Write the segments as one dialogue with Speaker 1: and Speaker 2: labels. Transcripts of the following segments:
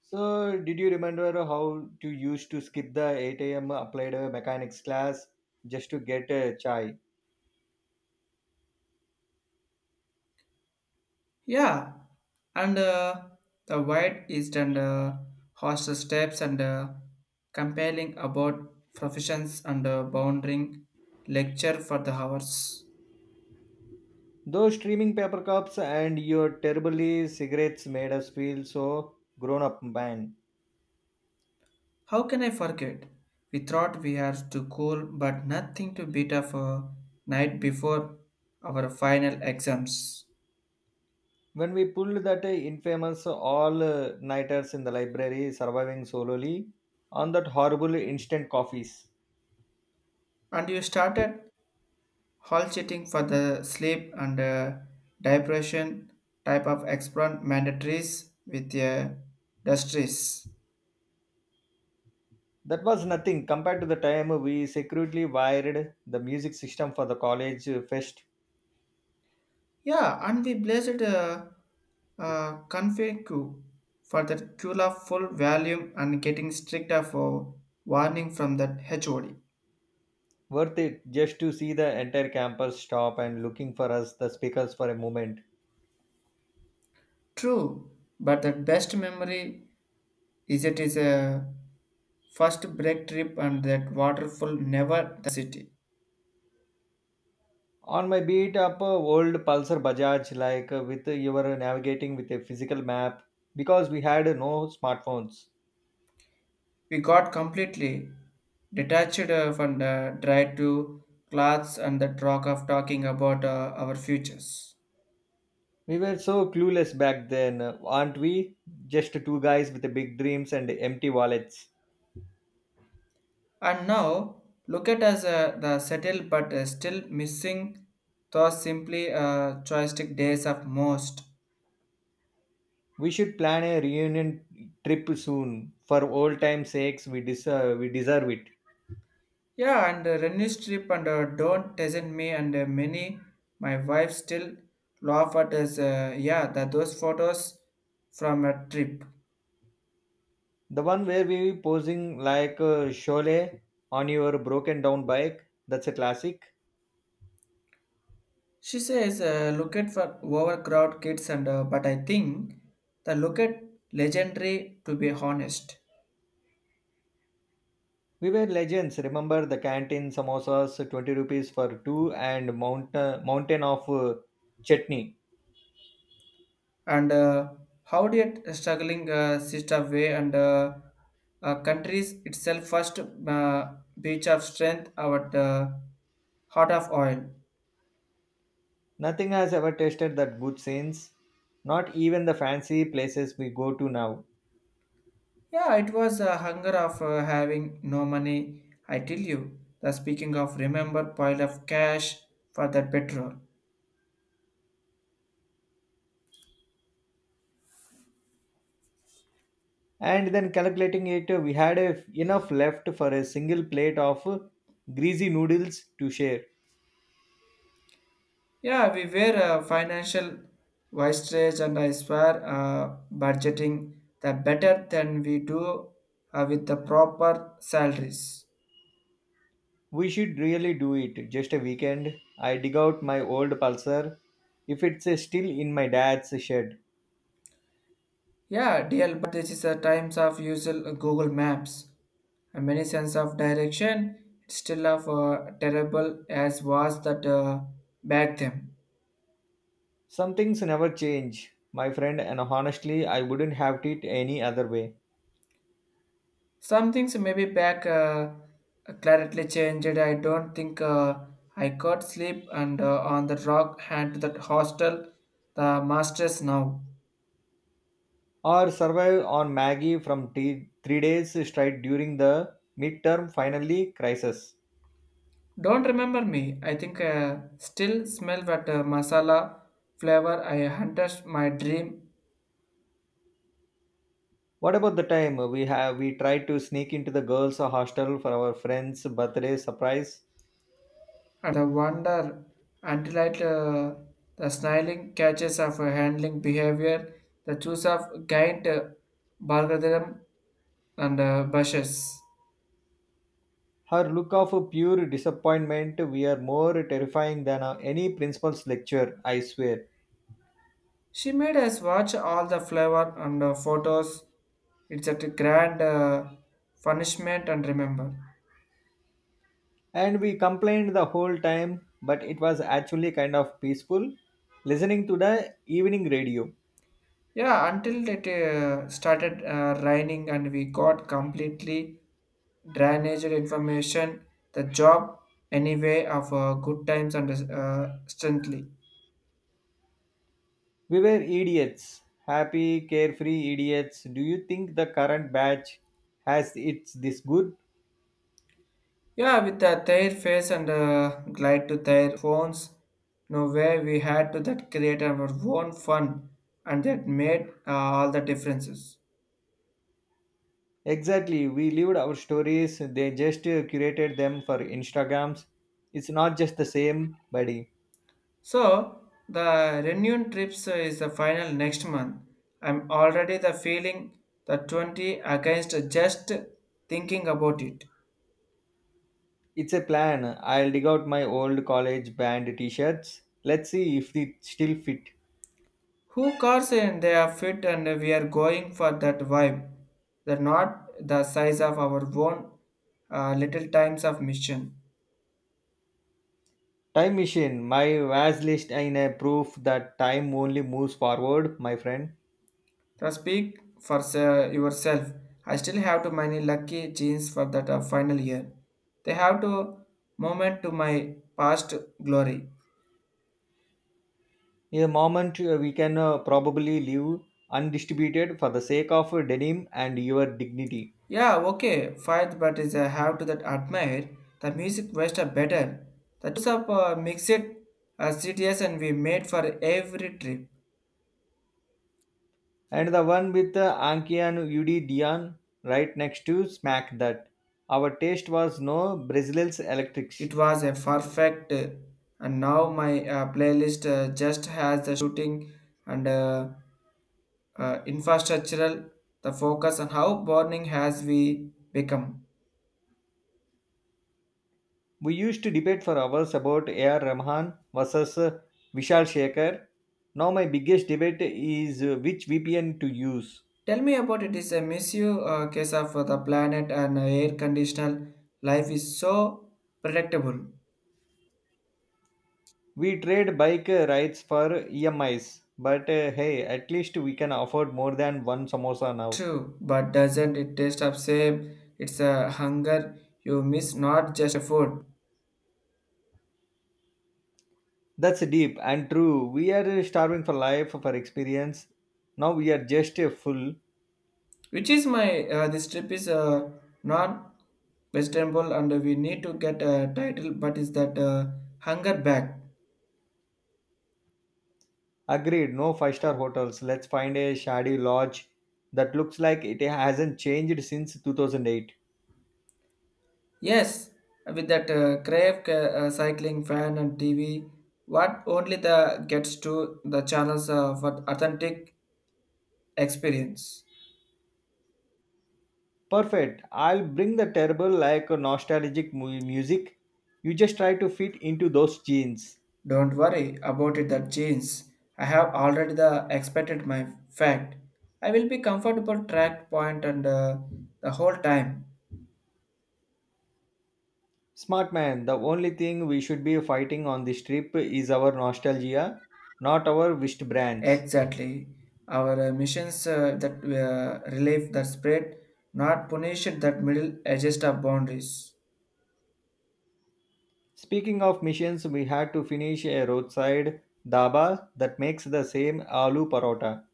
Speaker 1: So, did you remember how to used to skip the 8 a.m. applied mechanics class just to get a chai?
Speaker 2: Yeah, and the wide eastern hostile steps and compelling about professions and bounding lecture for the hours.
Speaker 1: Those streaming paper cups and your terribly cigarettes made us feel so grown up, man.
Speaker 2: How can I forget? We thought we had to cool, but nothing to beat up a night before our final exams.
Speaker 1: When we pulled that infamous all nighters in the library, surviving solely on that horrible instant coffees.
Speaker 2: And you started hall cheating for the sleep and depression type of experiment mandatories with dustries.
Speaker 1: That was nothing compared to the time we secretly wired the music system for the college fest
Speaker 2: Yeah, and we blessed Confucius for that Kula full volume and getting stricter for warning from that HOD.
Speaker 1: worth it just to see the entire campus stop and looking for us the speakers for a moment
Speaker 2: True, but the best memory is it is a first break trip and that waterfall never the city.
Speaker 1: on my beat up old pulsar bajaj like with you were navigating with a physical map because we had no smartphones.
Speaker 2: We got completely detached from the dry to clothes and the talk of talking about our futures.
Speaker 1: We were so clueless back then aren't we, just two guys with big dreams and empty wallets.
Speaker 2: And now look at us the settled but still missing thoughts simply joystick days of most.
Speaker 1: We should plan a reunion trip soon for old time's sakes. We deserve it.
Speaker 2: Yeah, and Renny Strip and Don't Doesn't Me and many my wife still laugh at as yeah, that those photos from a trip.
Speaker 1: The one where we posing like Sholay on your broken down bike. That's a classic.
Speaker 2: She says, look at for overcrowd kids and but I think the look at legendary to be honest.
Speaker 1: We were legends. Remember the canteen samosas, 20 rupees for two, and mountain of chutney.
Speaker 2: And how did struggling sister way and countries itself first beach of strength our heart of oil.
Speaker 1: Nothing has ever tasted that good since. Not even the fancy places we go to now.
Speaker 2: Yeah, it was a hunger of having no money. I tell you the speaking of remember pile of cash for that petrol.
Speaker 1: And then calculating it, enough left for a single plate of greasy noodles to share.
Speaker 2: Yeah, we were a financial wise and I swear budgeting the better than we do with the proper salaries.
Speaker 1: We should really do it. Just a weekend. I dig out my old pulsar. If it's still in my dad's shed.
Speaker 2: Yeah, DL, but this is the times of usual Google Maps. And many sense of direction, it's still of terrible as was that back then.
Speaker 1: Some things never change, my friend, and honestly, I wouldn't have it any other way.
Speaker 2: Some things maybe back clarity changed. I don't think I could sleep and on the rock hand to that hostel, the masters now.
Speaker 1: Or survive on Maggie from 3 days straight during the midterm finally crisis.
Speaker 2: Don't remember me. I think still smell that masala flavor. I hunted my dream.
Speaker 1: What about the time we tried to sneak into the girls' hostel for our friend's birthday surprise?
Speaker 2: And I wonder until it, the snarling catches of a handling behavior, the choice of giant bargadam and bushes.
Speaker 1: Her look of pure disappointment were more terrifying than any principal's lecture, I swear.
Speaker 2: She made us watch all the flavor and photos. It's a grand punishment and remember.
Speaker 1: And we complained the whole time, but it was actually kind of peaceful listening to the evening radio.
Speaker 2: Yeah, until it started raining and we got completely drainage information, the job anyway of good times and strength.
Speaker 1: We were idiots, happy, carefree idiots. Do you think the current batch has it's this good?
Speaker 2: Yeah, with the their face and glide to their phones, no way we had to that create our own fun, and that made all the differences.
Speaker 1: Exactly, we lived our stories, they just curated them for Instagrams. It's not just the same, buddy.
Speaker 2: So the reunion trips is the final next month. I'm already the feeling the 20 against just thinking about it.
Speaker 1: It's a plan. I'll dig out my old college band t-shirts. Let's see if they still fit.
Speaker 2: Who cars and they are fit and we are going for that vibe. They're not the size of our own little times of mission.
Speaker 1: Time machine. My was list in a proof that time only moves forward, my friend.
Speaker 2: Now speak for yourself. I still have to many lucky jeans for that final year. They have to moment to my past glory.
Speaker 1: In a moment, we can probably leave undistributed for the sake of denim and your dignity.
Speaker 2: Yeah, okay, fine, but is I have to that admire the music was are better. The use of mixed CTS and we made for every trip.
Speaker 1: And the one with Anki and Udi Dion right next to Smack That. Our taste was no Brazil's electric.
Speaker 2: It was a perfect, and now my playlist just has the shooting and. Infrastructural, the focus on how burning has we become.
Speaker 1: We used to debate for hours about A.R. Rahman versus Vishal Shekhar. Now, my biggest debate is which VPN to use.
Speaker 2: Tell me about it is a misuse case of the planet and air conditional life is so predictable.
Speaker 1: We trade bike rides for EMIs, but hey, at least we can afford more than one samosa now.
Speaker 2: True, but doesn't it taste of same? It's a hunger you miss, not just food.
Speaker 1: That's deep and true. We are starving for life, for experience. Now we are just full.
Speaker 2: Which is my this trip is not vegetable and we need to get a title, but is that hunger back?
Speaker 1: Agreed, no five-star hotels. Let's find a shady lodge that looks like it hasn't changed since 2008.
Speaker 2: Yes, with that Crave cycling fan and TV, what only the gets to the channels for authentic experience.
Speaker 1: Perfect. I'll bring the terrible, like a nostalgic music. You just try to fit into those jeans.
Speaker 2: Don't worry about it. That jeans, I have already the expected my fact. I will be comfortable track point and the whole time.
Speaker 1: Smart man, the only thing we should be fighting on this trip is our nostalgia, not our wished brands.
Speaker 2: Exactly, our missions that relief that spread, not punish that middle adjust of boundaries.
Speaker 1: Speaking of missions, we had to finish a roadside dhaba that makes the same aloo parota.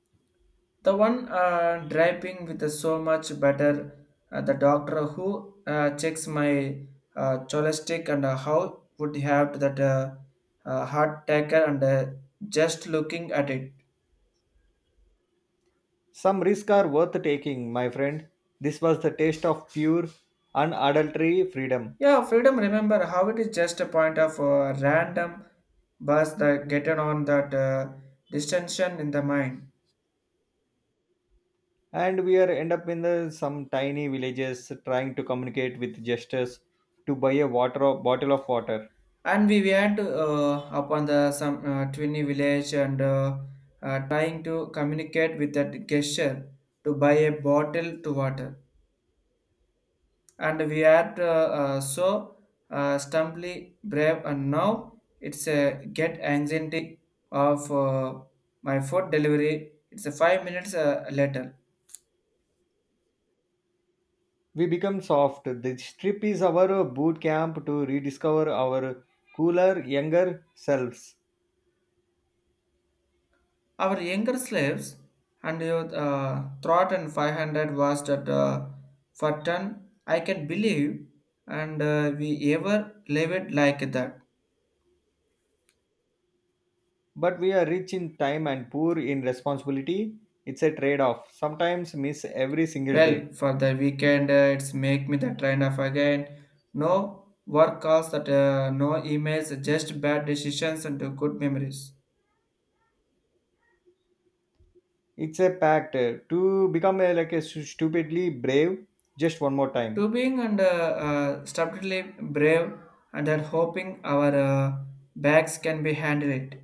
Speaker 2: The one draping with the so much better, the doctor who checks my cholesterol and how would have that heart attacker and just looking at it.
Speaker 1: Some risks are worth taking, my friend. This was the taste of pure, unadulterated freedom.
Speaker 2: Yeah, freedom. Remember how it is just a point of random bus that getting on that distension in the mind.
Speaker 1: And we are end up in the some tiny villages trying to communicate with gestures to buy a water bottle of water.
Speaker 2: And we went upon the some twinny village and trying to communicate with that gesture to buy a bottle to water and we are so stumbly brave and now it's a get anxiety of my food delivery it's a 5 minutes later.
Speaker 1: We become soft. This trip is our boot camp to rediscover our cooler younger selves.
Speaker 2: Our younger slaves and your throat and 500 was that for ton. I can believe and we ever live it like that.
Speaker 1: But we are rich in time and poor in responsibility. It's a trade off sometimes miss every single day.
Speaker 2: Well, for the weekend, it's make me the trend of again. No work calls that no emails, just bad decisions and good memories.
Speaker 1: It's a pact to become a, like a stupidly brave just one more time.
Speaker 2: To being and stubbornly brave and then hoping our bags can be handled.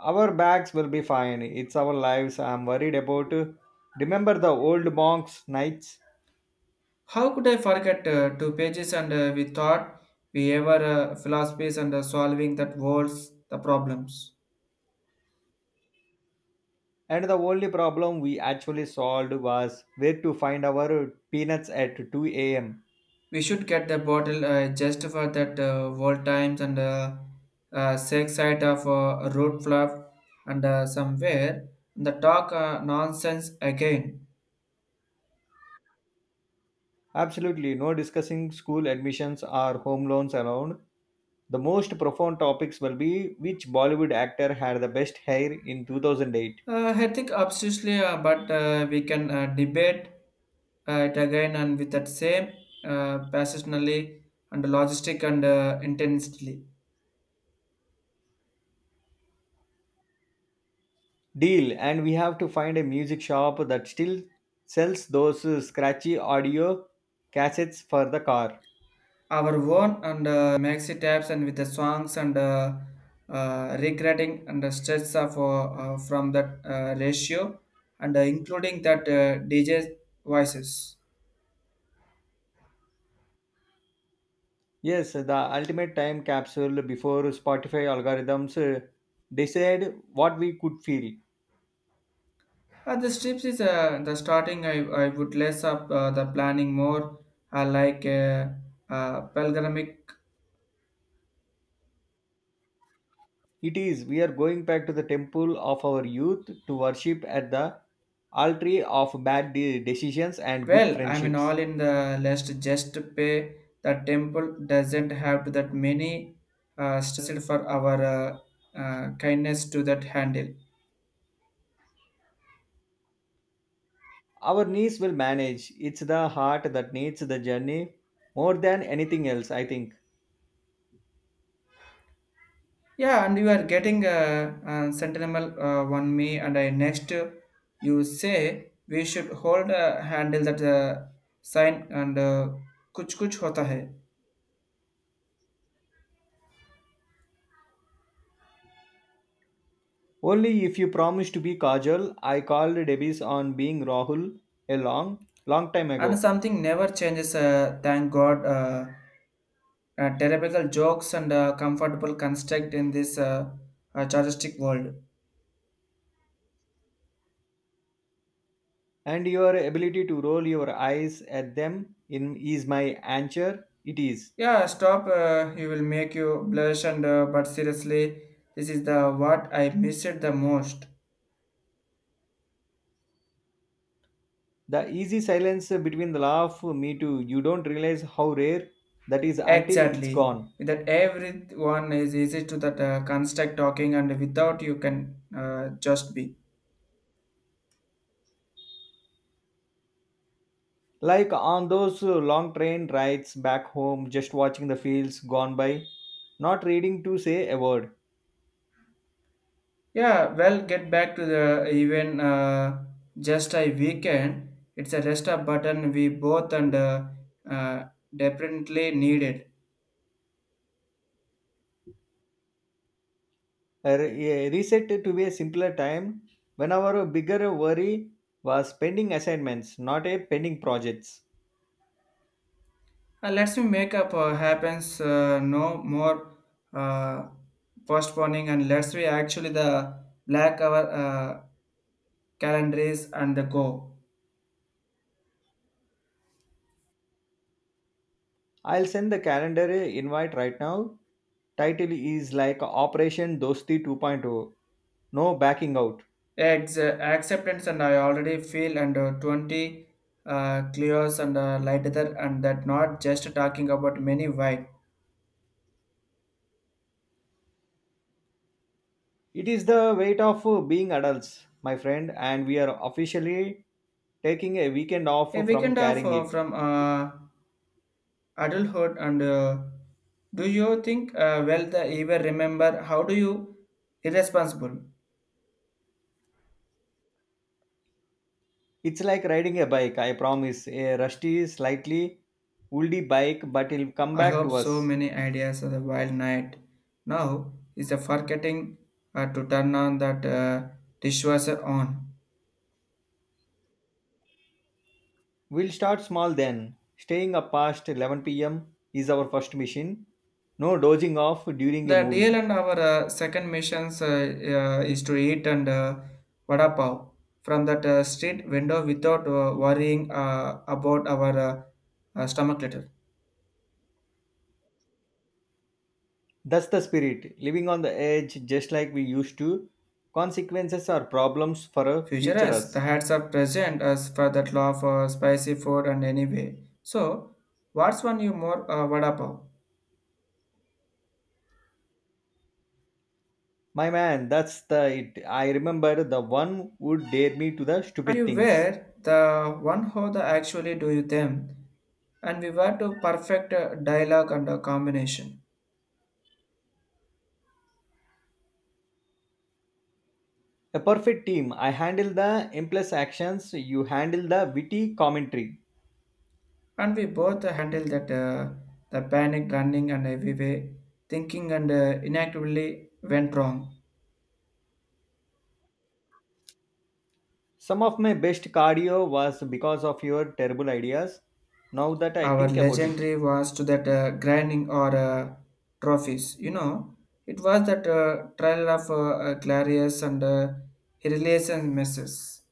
Speaker 1: Our bags will be fine. It's our lives I'm worried about. Remember the old monks' nights?
Speaker 2: How could I forget two pages and we thought we ever philosophies and solving that world's the problems.
Speaker 1: And the only problem we actually solved was where to find our peanuts at 2 a.m.
Speaker 2: We should get the bottle just for that world times and sex side of road fluff and somewhere the talk nonsense again.
Speaker 1: Absolutely no discussing school admissions or home loans around. The most profound topics will be which Bollywood actor had the best hair in 2008.
Speaker 2: I think obviously, but we can debate it again and with that same passionately and logistic and intensely.
Speaker 1: Deal, and we have to find a music shop that still sells those scratchy audio cassettes for the car.
Speaker 2: Our own and maxi tabs and with the songs and regretting and the stress of from that ratio and including that DJ voices.
Speaker 1: Yes, the ultimate time capsule before Spotify algorithms decide what we could feel.
Speaker 2: The strips is the starting. I would less up the planning more. I like pilgrimage.
Speaker 1: It is we are going back to the temple of our youth to worship at the altar of bad decisions and good
Speaker 2: Well, I mean
Speaker 1: friendships.
Speaker 2: all in the list. Just pay the temple doesn't have to that many stressed for our kindness to that handle.
Speaker 1: Our knees will manage. It's the heart that needs the journey more than anything else, I think.
Speaker 2: Yeah, and you are getting a, sentimental one me, and I next you say we should hold a handle that sign and kuch kuch hota hai,
Speaker 1: Only if you promise to be casual, I called Debbie's on being Rahul a long, long time
Speaker 2: and
Speaker 1: ago.
Speaker 2: something never changes. Thank God, terrible jokes and comfortable construct in this chartistic world.
Speaker 1: And your ability to roll your eyes at them in is my answer it is
Speaker 2: Yeah, stop. You will make you blush, and but seriously, this is the what I missed the most.
Speaker 1: the easy silence between the laugh me too. You don't realize how rare that is until it's
Speaker 2: Exactly.
Speaker 1: gone,
Speaker 2: That everyone is easy to that construct talking, and without you can just be.
Speaker 1: like on those long train rides back home, just watching the fields gone by, not reading to say a word.
Speaker 2: Yeah, well, get back to the even just a weekend. It's a rest up button we both and uh, definitely needed.
Speaker 1: A reset to be a simpler time when our bigger worry was pending assignments not a pending projects.
Speaker 2: Let's me make up happens no more uh, postponing, and let's we actually the black hour calendars and the go.
Speaker 1: I'll send the calendar invite right now. Title is like Operation Dosti 2.0. No backing out.
Speaker 2: It's acceptance, and I already feel and 20 clears and lighter, and that not just talking about many why.
Speaker 1: It is the weight of being adults, my friend, and we are officially taking a weekend off
Speaker 2: A
Speaker 1: from
Speaker 2: weekend of
Speaker 1: carrying it.
Speaker 2: from adulthood, and do you think well the ever remember how do you irresponsible?
Speaker 1: It's like riding a bike, I promise. A rusty, slightly woolly bike, but it'll come
Speaker 2: I
Speaker 1: back
Speaker 2: hope
Speaker 1: to
Speaker 2: so
Speaker 1: us.
Speaker 2: many ideas of the wild night. Now is the forgetting to turn on that dishwasher on.
Speaker 1: We'll start small then. Staying up past 11 p.m. is our first mission. No dozing off during a
Speaker 2: The deal
Speaker 1: movie.
Speaker 2: and our second missions is to eat and vada pav from that street window without worrying about our stomach later.
Speaker 1: That's the spirit, living on the edge just like we used to. Consequences are problems for a
Speaker 2: Future
Speaker 1: future
Speaker 2: us, the
Speaker 1: us.
Speaker 2: hats are present as for that love for spicy food and anyway. So, what's one you more vada pav?
Speaker 1: My man, that's the it. I remember the one who dared me to the
Speaker 2: And
Speaker 1: stupid
Speaker 2: you
Speaker 1: things.
Speaker 2: were the one who the actually do them. And we were to perfect dialogue and combination.
Speaker 1: A perfect team. I handle the impulse actions, you handle the witty commentary.
Speaker 2: And we both handle that the panic running and everywhere, thinking and inactively went wrong.
Speaker 1: Some of my best cardio was because of your terrible ideas. Now that I
Speaker 2: Our
Speaker 1: think about it.
Speaker 2: legendary was to that grinding or trophies. You know, it was that trial of Clarius and relation messes.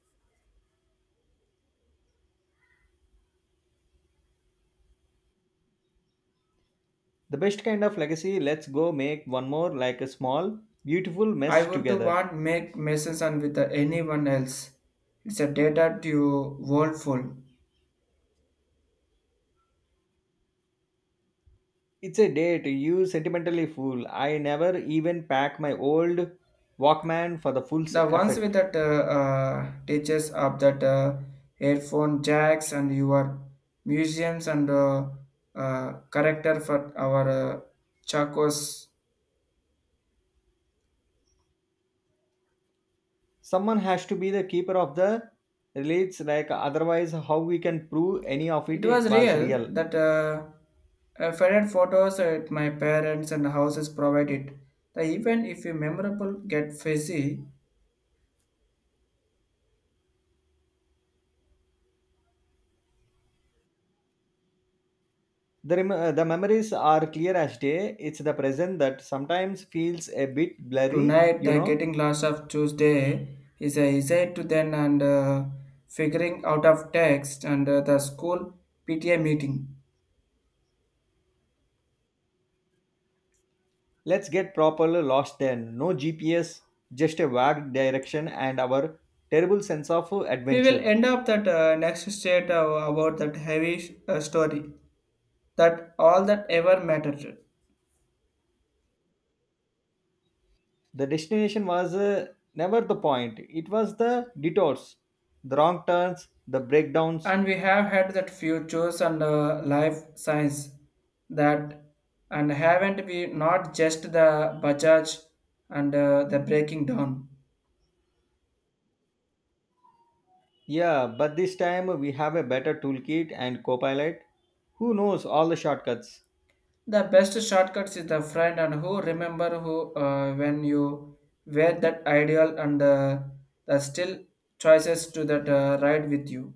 Speaker 1: The best kind of legacy, let's go make one more like a small, beautiful
Speaker 2: I
Speaker 1: mess
Speaker 2: would to
Speaker 1: together.
Speaker 2: want make messes and with anyone else. It's a data to world full.
Speaker 1: It's a date, you sentimentally fool. I never even pack my old Walkman for the full
Speaker 2: The ones with
Speaker 1: effect.
Speaker 2: that teaches of that headphone jacks and your museums and character for our chacos.
Speaker 1: Someone has to be the keeper of the relates, like otherwise, how we can prove any of
Speaker 2: It
Speaker 1: it
Speaker 2: was
Speaker 1: was
Speaker 2: real
Speaker 1: real.
Speaker 2: that I fed photos at my parents and houses provided. The event, if you memorable, get fizzy.
Speaker 1: The memories are clear as day. It's the present that sometimes feels a bit blurry,
Speaker 2: Tonight,
Speaker 1: you
Speaker 2: the
Speaker 1: know.
Speaker 2: getting lost of Tuesday is a essay to then and figuring out of text and the school PTA meeting.
Speaker 1: Let's get properly lost then. No GPS, just a vague direction and our terrible sense of
Speaker 2: We will
Speaker 1: adventure.
Speaker 2: end up that next state about that heavy story, that all that ever mattered.
Speaker 1: The destination was never the point. It was the detours, the wrong turns, the breakdowns.
Speaker 2: And we have had that futures and life science that, and haven't we not just the Bajaj and the breaking down.
Speaker 1: Yeah, but this time we have a better toolkit and copilot who knows all the shortcuts.
Speaker 2: The best shortcuts is the friend and who remember who when you wear that ideal and the still choices to that ride with you.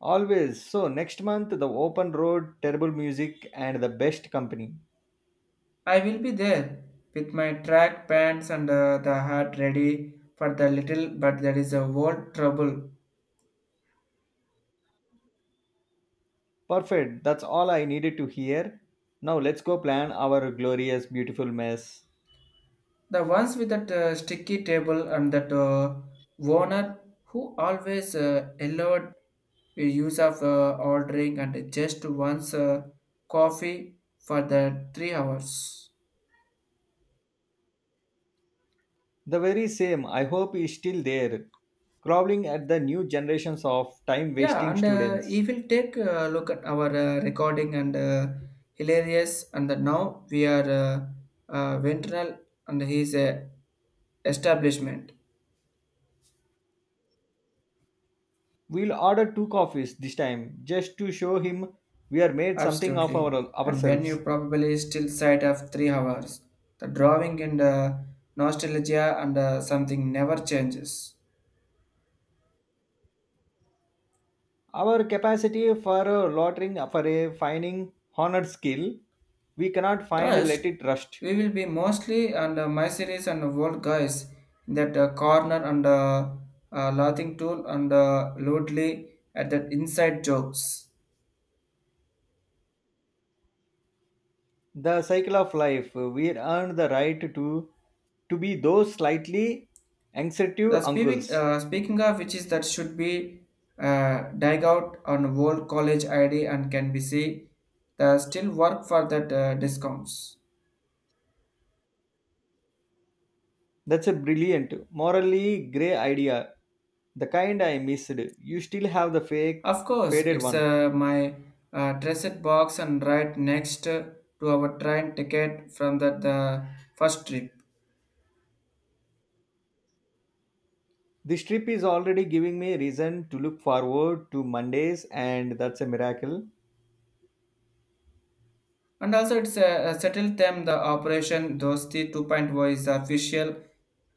Speaker 1: Always. So next month the open road, terrible music and the best company.
Speaker 2: I will be there with my track pants and the hat ready for the little, but there is a world trouble.
Speaker 1: Perfect. That's all I needed to hear. Now let's go plan our glorious beautiful mess.
Speaker 2: The ones with that sticky table and that owner who always allowed the use of ordering and just once coffee for the 3 hours.
Speaker 1: The very same I hope is still there, crawling at the new generations of time
Speaker 2: Yeah,
Speaker 1: wasting
Speaker 2: and he
Speaker 1: students.
Speaker 2: will take a look at our recording and hilarious, and that now we are ventral and his establishment.
Speaker 1: We'll order two coffees this time just to show him we are made something of our
Speaker 2: Absolutely. And when you
Speaker 1: ourselves.
Speaker 2: probably still sight of 3 hours, the drawing and nostalgia and something never changes.
Speaker 1: Our capacity for loitering for a finding honored skill, we cannot find let
Speaker 2: Trust,
Speaker 1: it rust.
Speaker 2: we will be mostly and my series and old guys in that corner and laughing tool and loudly at that inside jokes.
Speaker 1: The cycle of life, we earn the right to be those slightly anxiety
Speaker 2: The speaking
Speaker 1: uncles.
Speaker 2: Speaking of which is that should be dig out on old college ID and can be see the still work for that discounts.
Speaker 1: That's a brilliant, morally grey idea. The kind I missed. You still have the fake,
Speaker 2: Of course,
Speaker 1: faded
Speaker 2: it's
Speaker 1: one.
Speaker 2: my dressed box and right next to our train ticket from that the first trip.
Speaker 1: This trip is already giving me a reason to look forward to Mondays, and that's a miracle.
Speaker 2: And also, it's settled them the operation Dosti 2.0 point oh is official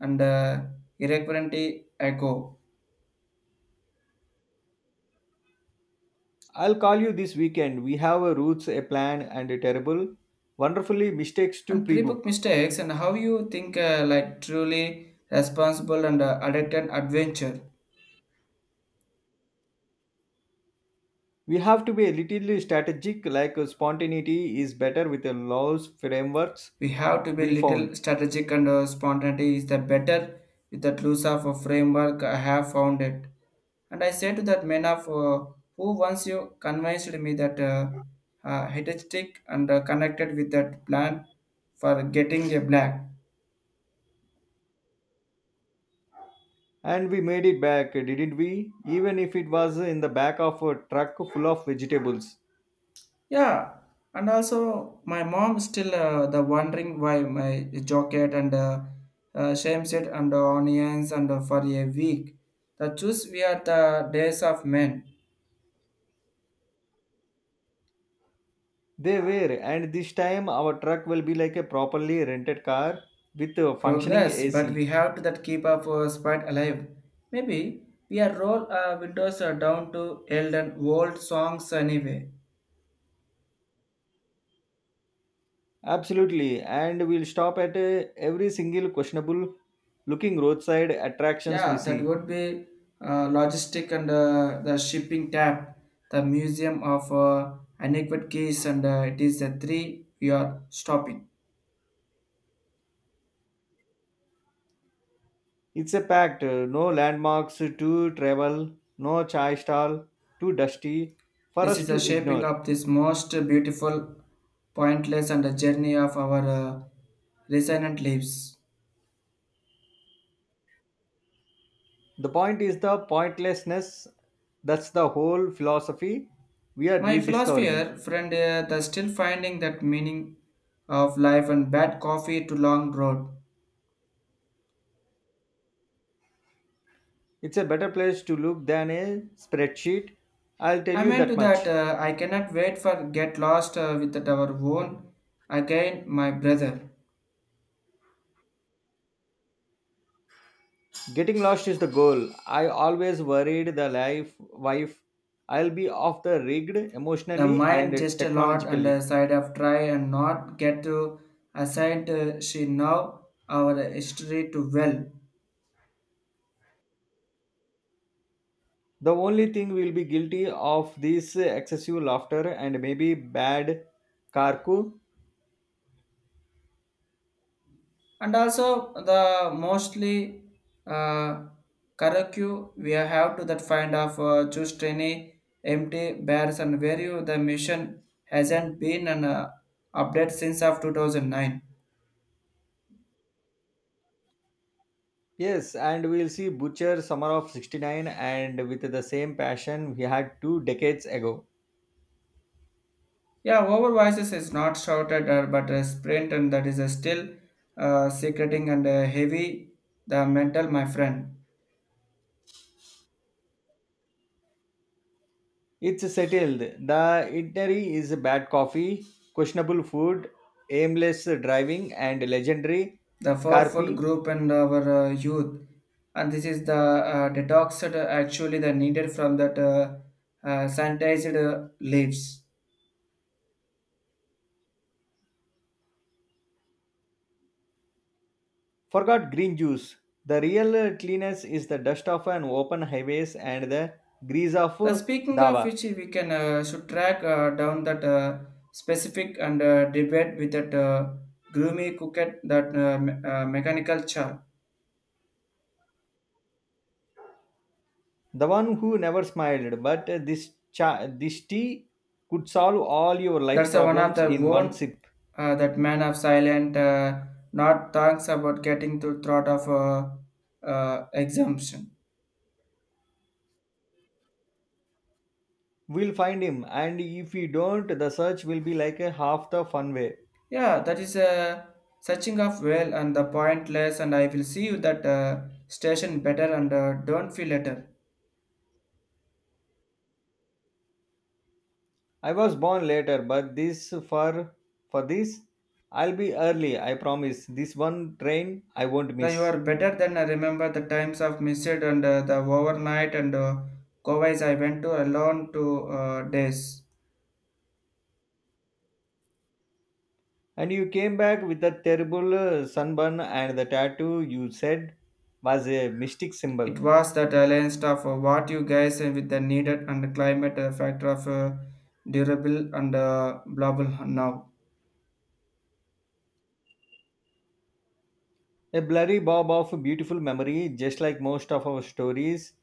Speaker 2: and irreverently echo.
Speaker 1: I'll call you this weekend. We have a routes, a plan, and a terrible, wonderfully mistakes to
Speaker 2: And
Speaker 1: pre
Speaker 2: pre-book
Speaker 1: book.
Speaker 2: mistakes and how you think like truly responsible and addicted adventure.
Speaker 1: We have to be a little strategic, like spontaneity is better with the laws, frameworks
Speaker 2: We have to be
Speaker 1: we
Speaker 2: little
Speaker 1: found.
Speaker 2: strategic and spontaneity is the better with that loose of a framework I have found it. And I said to that man of who once you convinced me that hedonistic and connected with that plan for getting a black.
Speaker 1: And we made it back, didn't we? Even if it was in the back of a truck full of vegetables.
Speaker 2: Yeah, and also my mom still the wondering why my jacket and shames it and onions and for a week. The juice we are the days of men.
Speaker 1: They were, and this time our truck will be like a properly rented car with a functioning
Speaker 2: Progress, but we
Speaker 1: AC.
Speaker 2: have to that keep our spirit alive. Maybe we are roll windows down to old and old songs anyway.
Speaker 1: Absolutely, and we'll stop at every single questionable looking roadside attractions we
Speaker 2: Yeah, that
Speaker 1: see.
Speaker 2: would be logistic and the shipping tab, the museum of adequate keys, and it is the three we are stopping.
Speaker 1: It's a pact, no landmarks to travel, no chai stall too dusty for
Speaker 2: This
Speaker 1: us
Speaker 2: is the
Speaker 1: to
Speaker 2: shaping
Speaker 1: ignore.
Speaker 2: of this most beautiful, pointless, and the journey of our resonant lives.
Speaker 1: The point is the pointlessness. That's the whole philosophy we are
Speaker 2: My
Speaker 1: rediscovering.
Speaker 2: philosopher friend the still finding that meaning of life and bad coffee to long road.
Speaker 1: It's a better place to look than a spreadsheet. I'll tell
Speaker 2: I
Speaker 1: you
Speaker 2: meant to
Speaker 1: that
Speaker 2: that
Speaker 1: much.
Speaker 2: I cannot wait for get lost with our own again my brother.
Speaker 1: Getting lost is the goal. I always worried the life wife. I'll be off the rigged
Speaker 2: The
Speaker 1: emotionally and
Speaker 2: mind just a lot on the
Speaker 1: technologically.
Speaker 2: side of try and not get to assign to she now our history too well.
Speaker 1: The only thing we'll be guilty of this excessive laughter and maybe bad karku.
Speaker 2: And also the mostly uh, curriculum we have to that find of just any empty bars and where you the mission hasn't been an update since of 2009.
Speaker 1: Yes, and we'll see Butcher summer of 69 and with the same passion we had two decades ago.
Speaker 2: Yeah, over voices is not shouted but a sprint and that is still secreting and heavy the mental my friend
Speaker 1: It's settled. The itinerary is bad coffee, questionable food, aimless driving, and legendary
Speaker 2: the for food
Speaker 1: Carpi.
Speaker 2: group and our youth and this is the detox that, actually the needed from that sanitized leaves
Speaker 1: Forgot green juice. The real cleanest is the dust of an open highways and the grease of
Speaker 2: the speaking of
Speaker 1: Daba.
Speaker 2: which we can should track down that specific and debate with that groomy cooked that mechanical char
Speaker 1: The one who never smiled, but this this tea could solve all your life
Speaker 2: that's one of
Speaker 1: problems
Speaker 2: the
Speaker 1: in one
Speaker 2: one
Speaker 1: sip.
Speaker 2: that man of silent not thanks about getting to thought of exemption.
Speaker 1: We'll find him, and if we don't, the search will be like a half the fun way.
Speaker 2: Yeah, that is a searching of well and the pointless, and I will see you that station better and don't feel later.
Speaker 1: I was born later, but this for this I'll be early, I promise. This one train I won't
Speaker 2: Now you are
Speaker 1: miss.
Speaker 2: better than I remember the times of missed and the overnight and Kowais I went to alone to days.
Speaker 1: And you came back with that terrible sunburn and the tattoo you said was a mystic
Speaker 2: It
Speaker 1: symbol.
Speaker 2: was that alliance of what you guys and with the needed and the climate factor of durable and blah blah now.
Speaker 1: A blurry bob of beautiful memory, just like most of our stories.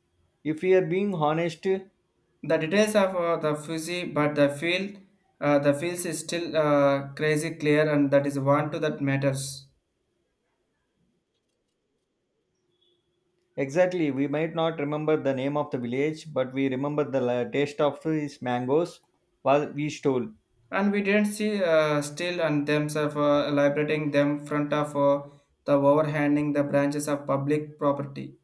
Speaker 1: If we are being honest,
Speaker 2: The details of the fuzzy, but the field, the fields is still crazy clear, and that is one to that matters.
Speaker 1: exactly, we might not remember the name of the village, but we remember the taste of its mangoes while we stole.
Speaker 2: And we didn't see still and themselves liberating them front of the overhanging the branches of public property.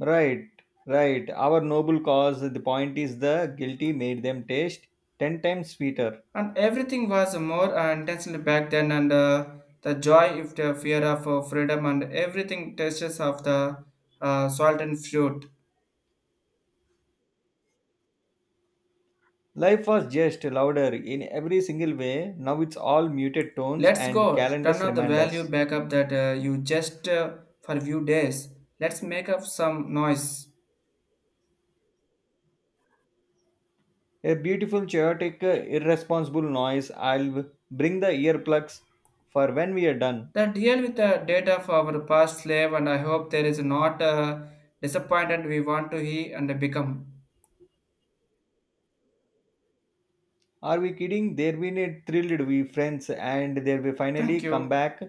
Speaker 1: Right, right. Our noble cause, the point is the guilty made them taste 10 times sweeter.
Speaker 2: And everything was more intentional back then, and the joy, if the fear of freedom, and everything tastes of the salt and fruit.
Speaker 1: Life was just louder in every single way. Now it's all muted tones
Speaker 2: Let's
Speaker 1: and
Speaker 2: go turn
Speaker 1: calendar's
Speaker 2: off the value
Speaker 1: reminders.
Speaker 2: back up that you just for few days. Let's make up some noise.
Speaker 1: A beautiful, chaotic, irresponsible noise. I'll bring the earplugs for when we are done.
Speaker 2: The deal with the data for our past slave, and I hope there is not disappointed we want to he and become.
Speaker 1: Are we kidding? There we need thrilled we friends and there we
Speaker 2: Thank
Speaker 1: finally come
Speaker 2: you.
Speaker 1: back